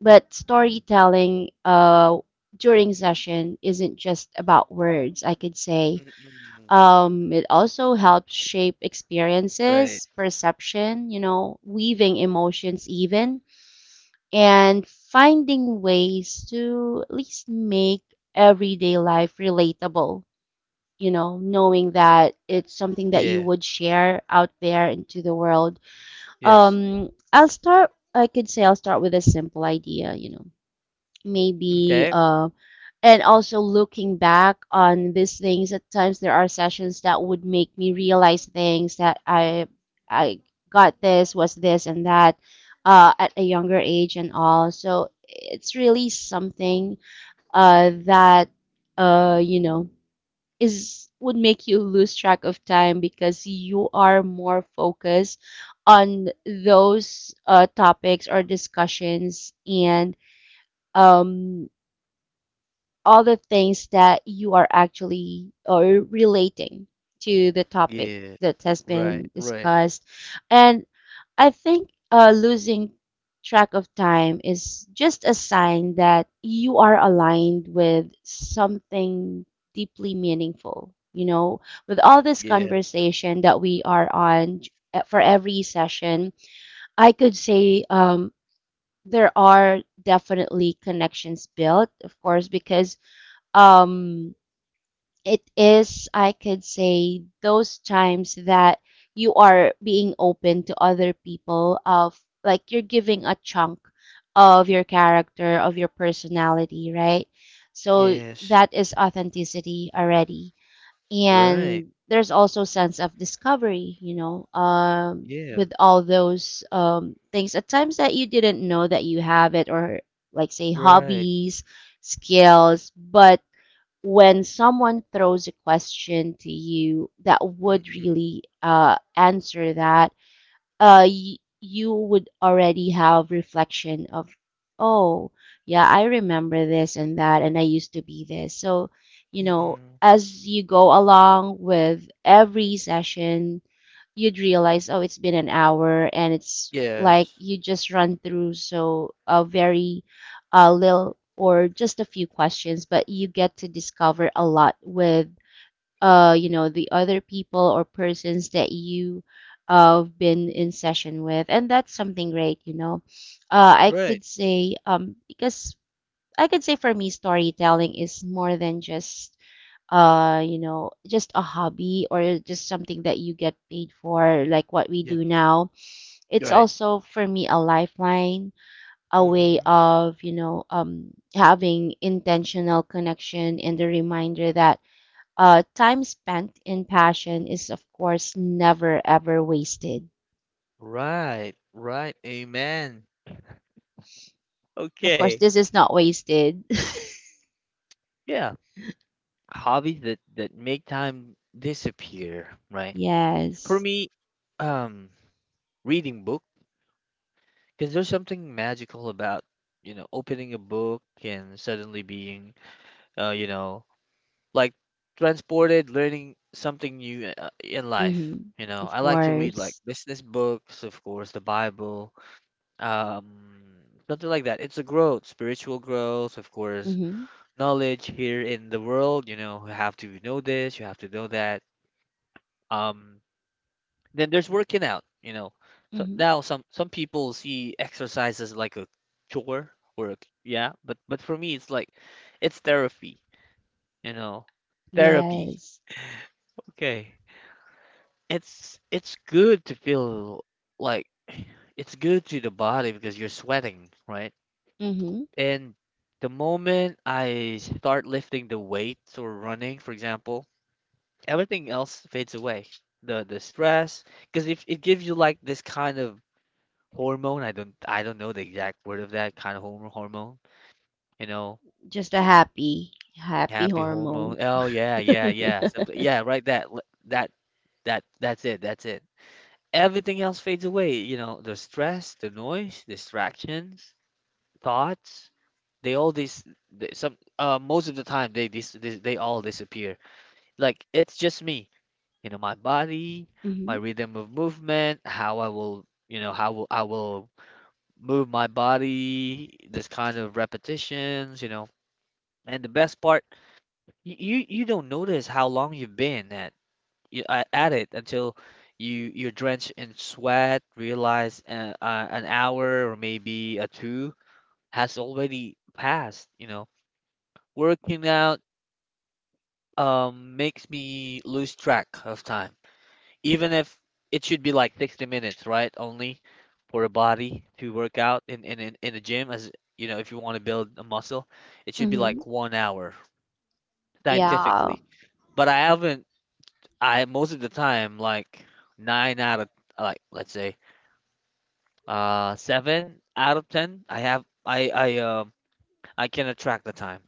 S2: But storytelling, during session isn't just about words, I could say.
S1: Mm-mm.
S2: It also helps shape
S1: Right.
S2: experiences, perception, you know, weaving emotions even, and finding ways to at least make everyday life relatable, you know, knowing that it's something that you
S1: Yeah.
S2: would share out there into the world.
S1: Yes.
S2: I'll start, I could say I'll start with a simple idea, you know, maybe,
S1: Okay.
S2: and also looking back on these things, at times there are sessions that would make me realize things that I got this, was this, and that, at a younger age and all. So it's really something, that, you know, is would make you lose track of time because you are more focused on those, topics or discussions and um, all the things that you are actually or relating to the topic
S1: Yeah.
S2: that has been
S1: Right, right.
S2: discussed. And I think, losing track of time is just a sign that you are aligned with something deeply meaningful. You know, with all this
S1: Yeah.
S2: conversation that we are on, for every session, I could say there are definitely connections built, of course, because um, it is, I could say, those times that you are being open to other people, of like you're giving a chunk of your character, of your personality, right? So
S1: Yes.
S2: that is authenticity already.
S1: Right.
S2: And there's also sense of discovery,
S1: Yeah.
S2: with all those things at times that you didn't know that you have it, or like say
S1: Right.
S2: hobbies, skills, but when someone throws a question to you that would
S1: Mm-mm.
S2: really answer that, you would already have reflection of oh yeah, I remember this and that and I used to be this. So you know,
S1: Mm-mm.
S2: as you go along with every session, you'd realize oh, it's been an hour and it's like
S1: Yes.
S2: you just run through so a very little or just a few questions, but you get to discover a lot with the other people or persons that you been in session with, and that's something great, you know. I
S1: Right.
S2: could say because I could say for me, storytelling is more than just just a hobby or just something that you get paid for, like what we
S1: Yeah.
S2: do now. It's
S1: Right.
S2: also for me a lifeline, a way
S1: Mm-hmm.
S2: of, having intentional connection and a reminder that time spent in passion is, of course, never ever wasted.
S1: Right. Right. Amen.
S2: Of course,
S1: Okay.
S2: this is not wasted. [laughs]
S1: Yeah. Hobbies that make time disappear, right? For
S2: Yes.
S1: me, um, reading book, because there's something magical about, opening a book and suddenly being, uh, you know, like transported, learning something new in life.
S2: Mm-hmm.
S1: You know,
S2: Of
S1: I like to read like
S2: course.
S1: business books, of course, the Bible, um, something like that. It's a growth, spiritual growth, of course,
S2: Mm-hmm.
S1: knowledge here in the world. You know, you have to know this, you have to know that. Um, then there's working out. You know, so
S2: Mm-hmm.
S1: now some people see exercise as like a chore or a, yeah, but for me it's like it's therapy. You know, therapy.
S2: Yes.
S1: Okay. It's good to feel like [sighs] it's good to the body because you're sweating, right?
S2: Mm-hmm.
S1: And the moment I start lifting the weights or running, for example, everything else fades away. The stress, because if it gives you like this kind of hormone, I don't know the exact word of that kind of hormone, you know.
S2: Just a happy, happy
S1: Happy hormone.
S2: hormone. [laughs]
S1: Oh yeah, yeah, yeah, something. Yeah, right. That's it. That's it. Everything else fades away. You know, the stress, the noise, distractions, thoughts, they all these they, some most of the time they all disappear. Like it's just me, you know, my body, my
S2: Mm-hmm.
S1: rhythm of movement, how will I will move my body, this kind of repetitions. And the best part, you don't notice how long you've been at you, at it until you're drenched in sweat, realize an hour or maybe a two has already passed. Working out makes me lose track of time, even if it should be like 60 minutes, right? Only for a body to work out in a gym, as you know, if you want to build a muscle, it should be like
S2: Mm-hmm.
S1: one hour
S2: Yeah.
S1: scientifically. But I haven't I most of the time, like nine out of, like let's say, seven out of ten. I have I can attract the time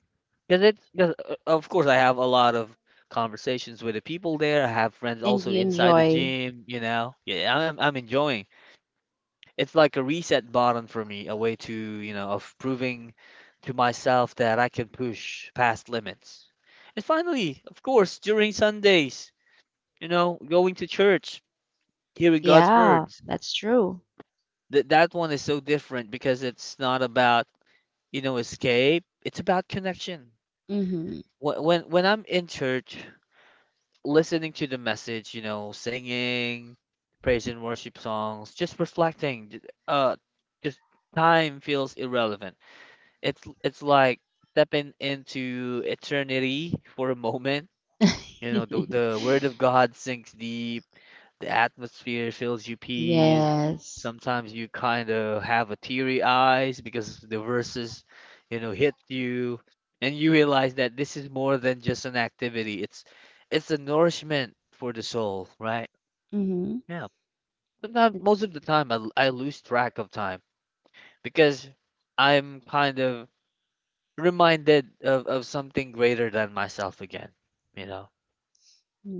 S1: because it's because of course I have a lot of conversations with the people there. I have friends
S2: And
S1: also
S2: you
S1: inside the
S2: enjoy.
S1: gym. You know, yeah, I'm enjoying. It's like a reset button for me, a way to you know of proving to myself that I can push past limits. And finally, of course, during Sundays, going to church, hearing God's
S2: Yeah,
S1: words.
S2: that's true.
S1: That one is so different because it's not about escape. It's about connection.
S2: Mm-hmm.
S1: When I'm in church, listening to the message, singing praise and worship songs, just reflecting, uh, just time feels irrelevant. It's like stepping into eternity for a moment. You know, the
S2: [laughs]
S1: the word of God sinks deep, the atmosphere fills you peas.
S2: Yes.
S1: Sometimes you kind of have a teary eyes because the verses, hit you, and you realize that this is more than just an activity. It's a nourishment for the soul, right?
S2: Mm-hmm.
S1: Yeah. Sometimes,
S2: That's,
S1: most of the time, I lose track of time because I'm kind of reminded of something greater than myself again, you know?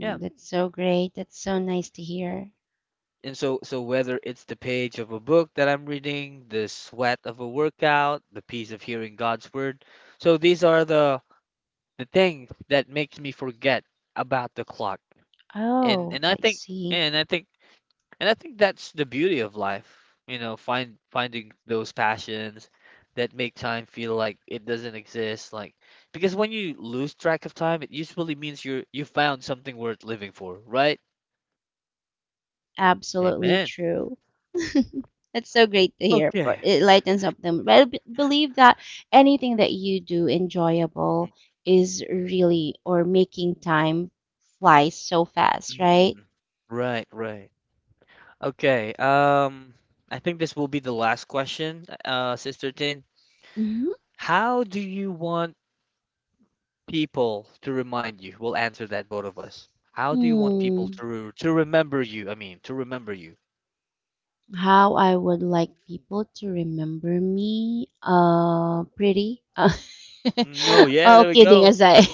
S1: Yeah.
S2: that's so great. That's so nice to hear.
S1: And so whether it's the page of a book that I'm reading, the sweat of a workout, the peace of hearing God's word, so these are the things that makes me forget about the clock. And
S2: Oh,
S1: and I
S2: I
S1: think
S2: see.
S1: and I think and I think that's the beauty of life, you know, finding those passions that make time feel like it doesn't exist, like because when you lose track of time, it usually means you found something worth living for, right?
S2: Absolutely
S1: Amen.
S2: true. [laughs] That's so great to hear. For
S1: Okay.
S2: it lightens up them. But I believe that anything that you do enjoyable is really or making time fly so fast, right?
S1: Mm-mm. Right, right. Okay. I think this will be the last question, Sister Tin. How do you want people to remind you? We'll answer that, both of us. How do you want people
S2: Hmm.
S1: to to remember you? I mean, to remember you.
S2: How I would like people to remember me, pretty. [laughs]
S1: No, yeah,
S2: Oh,
S1: there we
S2: kidding
S1: go.
S2: aside.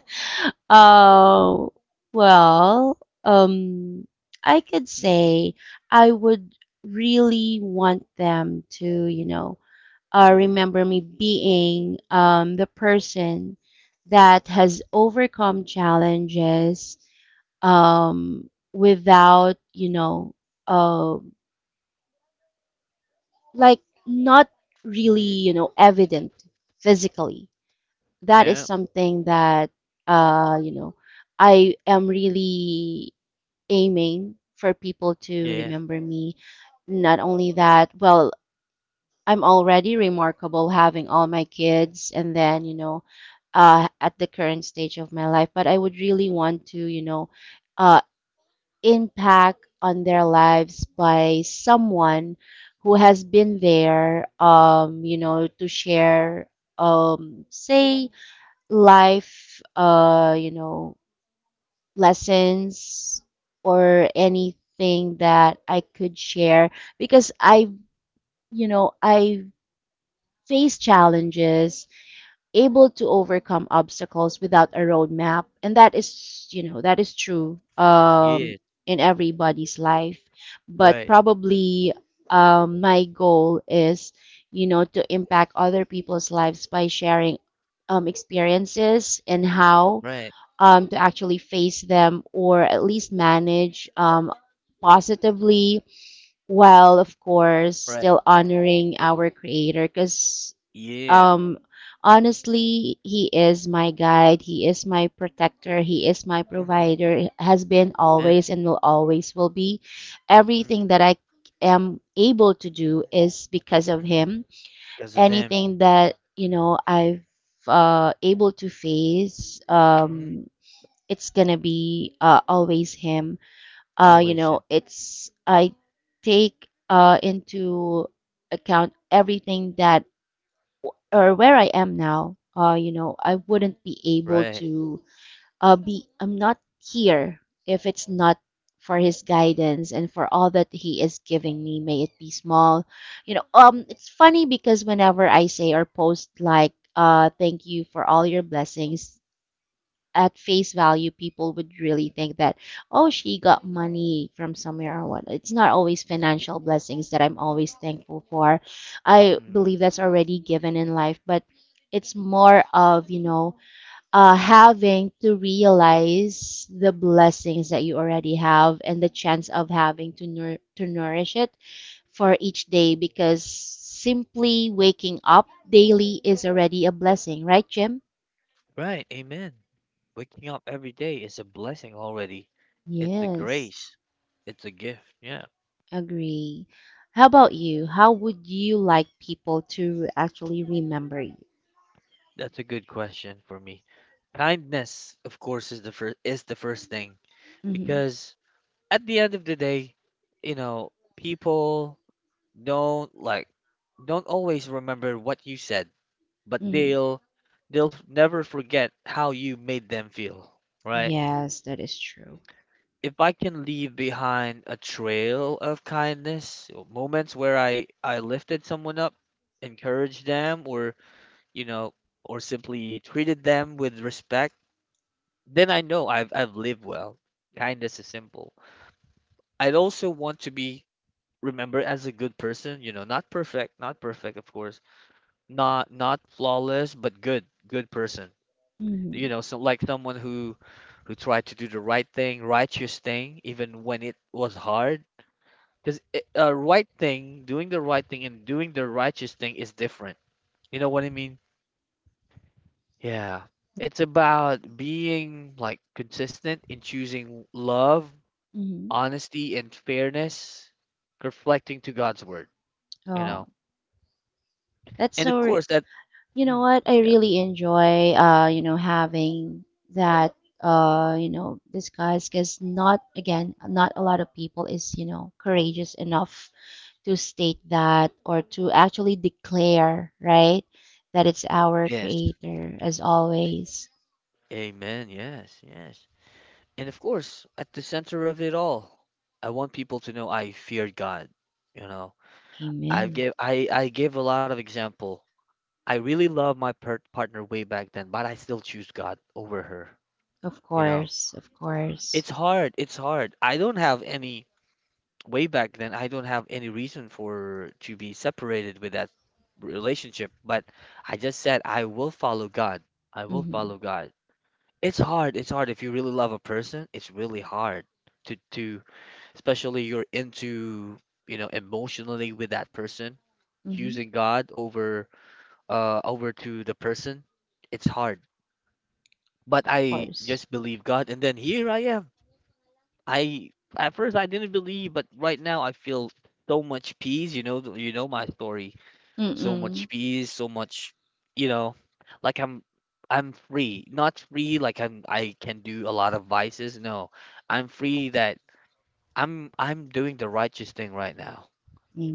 S2: [laughs] uh, well, um, I could
S1: Mm-hmm,
S2: say I would really want them to, you know,
S1: mm-hmm,
S2: remember me being the person that has overcome challenges without, you know, uh, like not really,
S1: mm-hmm.
S2: you know, evident physically. That is
S1: Yeah,
S2: something that you know, I am really aiming for. People to
S1: yeah,
S2: remember me, not only that well I'm already remarkable having all my kids and then, you know, at the current stage of my life, but I would really want to, you know, uh, impact on their lives by someone who has been there, you know, to share, say, life, you know, lessons or anything that I could share because I, you know, I face challenges, able to overcome obstacles without a roadmap. And that is, you know, that is true,
S1: yeah.
S2: in everybody's life, but
S1: Right,
S2: probably my goal is, you know, to impact other people's lives by sharing experiences and how
S1: right,
S2: to actually face them or at least manage positively, while of course
S1: right.
S2: still honoring our creator. Because
S1: Yeah.
S2: um, honestly, he is my guide. He is my protector. He is my
S1: Mm-hmm.
S2: provider. Has been
S1: And
S2: always and will always will be.
S1: mm-hmm.
S2: Everything that I am able to do is because of him.
S1: Because of him.
S2: Anything that you know I've able to face,
S1: Mm-hmm.
S2: it's gonna be always him. You
S1: Always
S2: know,
S1: him.
S2: it's I take into account everything that or where I am now, you know, I wouldn't be able
S1: Right.
S2: to be, I'm not here if it's not for his guidance and for all that he is giving me, may it be small. You know, it's funny because whenever I say or post like, thank you for all your blessings, at face value, people would really think that, oh, she got money from somewhere or what. It's not always financial blessings that I'm always thankful for. I
S1: Mm.
S2: believe that's already given in life, but it's more of, you know, having to realize the blessings that you already have and the chance of having to, to nourish it for each day because simply waking up daily is already a blessing, right, Jim?
S1: Right, amen. Waking up every day is a blessing already. It's a
S2: Yes.
S1: grace. It's a gift. Yeah,
S2: Agree. How about you? How would you like people to actually remember you?
S1: that's a good question for me. Kindness, of course, is the first thing
S2: Mm-hmm.
S1: because at the end of the day, you know, people don't like don't always remember what you said, but
S2: Mm-hmm.
S1: they'll never forget how you made them feel, right?
S2: Yes, that is true.
S1: If I can leave behind a trail of kindness, or moments where I lifted someone up, encouraged them, you know, or simply treated them with respect, then I know I've lived well. Kindness is simple. I'd also want to be remembered as a good person, you know, not perfect, not perfect, of course, not flawless, but good, good person. You
S2: Mm-hmm.
S1: know, so like someone who tried to do the right thing, righteous thing, even when it was hard. Because a right thing, doing the right thing and doing the righteous thing is different. You know what I mean? Yeah. It's about being like consistent in choosing love,
S2: Mm-hmm.
S1: honesty, and fairness, reflecting to God's word, you
S2: Oh,
S1: know.
S2: that's
S1: And of
S2: so.
S1: course that.
S2: You know
S1: Mm,
S2: what? I
S1: yeah.
S2: really enjoy, you know, having that, you know, discuss because not again, not a lot of people is, you know, courageous enough to state that or to actually declare, right, that it's our
S1: Yes.
S2: creator as always.
S1: Amen. Yes, yes. And of course, at the center of it all, I want people to know I feared God, you know. I
S2: Amen.
S1: give I gave a lot of example. I really love my partner way back then, but I still choose God over her.
S2: Of
S1: You know,
S2: course, of course.
S1: it's hard. It's hard. I don't have any way back then. I don't have any reason for to be separated with that relationship, but I just said I will follow God. I will
S2: Mhm.
S1: follow God. It's hard. It's hard. If you really love a person, it's really hard to especially you're into, emotionally with that person,
S2: Mhm.
S1: choosing God over to the person. It's hard but
S2: Of
S1: I
S2: course.
S1: just believe God, and then here I am. I At first I didn't believe, but right now I feel so much peace. You know, you know my story. So much
S2: Mm-mm.
S1: peace, so much, you know, like I'm free. Not free like I'm. I can do a lot of vices. No, I'm free that I'm. I'm doing the righteous thing right now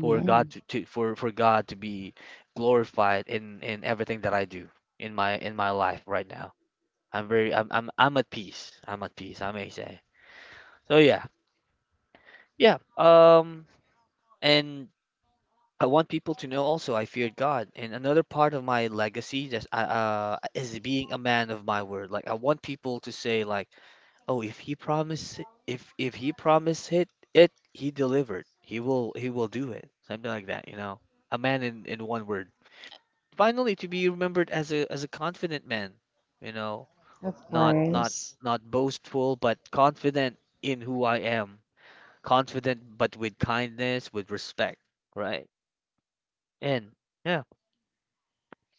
S1: for God to for God to be glorified in everything that I do in my life right now. I'm at peace. I'm at peace, I may say. So yeah. Yeah. And I want people to know also I feared God. And another part of my legacy that I is being a man of my word. Like I want people to say like, "Oh, if he promised it, he delivered. He will do it." Something like that. A man in one word. Finally, to be remembered as a confident man, you know,
S2: Of
S1: not not
S2: course.
S1: not boastful, but confident in who I am. Confident, but with kindness, with respect, right? And yeah,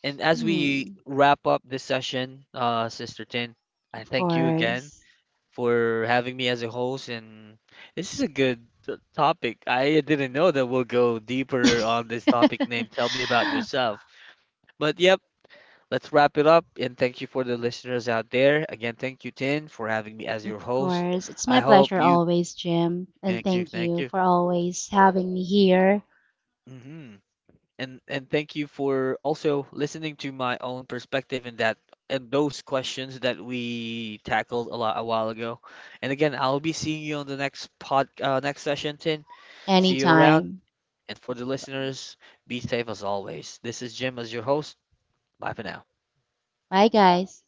S1: and as we
S2: Mm.
S1: wrap up this session, Sister Tin, I
S2: Of
S1: thank you again
S2: course.
S1: for having me as a host. And this is a good topic. I didn't know that we'll go deeper on this topic name. Tell
S2: [laughs]
S1: me about yourself. But yeah, let's wrap it up and thank you for the listeners out there. Again, thank you, Tin, for having me as
S2: Of
S1: your host.
S2: course. It's
S1: I
S2: my
S1: hope
S2: pleasure
S1: you
S2: always, Jim, and
S1: thank you,
S2: thank
S1: thank
S2: you
S1: you.
S2: for always having me here
S1: hmm and thank you for also listening to my own perspective in that and those questions that we tackled a lot a while ago. And again, I'll be seeing you on the next session, Tin. See you around.
S2: anytime.
S1: And for the listeners, be safe as always. This is Jim as your host. Bye for now.
S2: Bye, guys.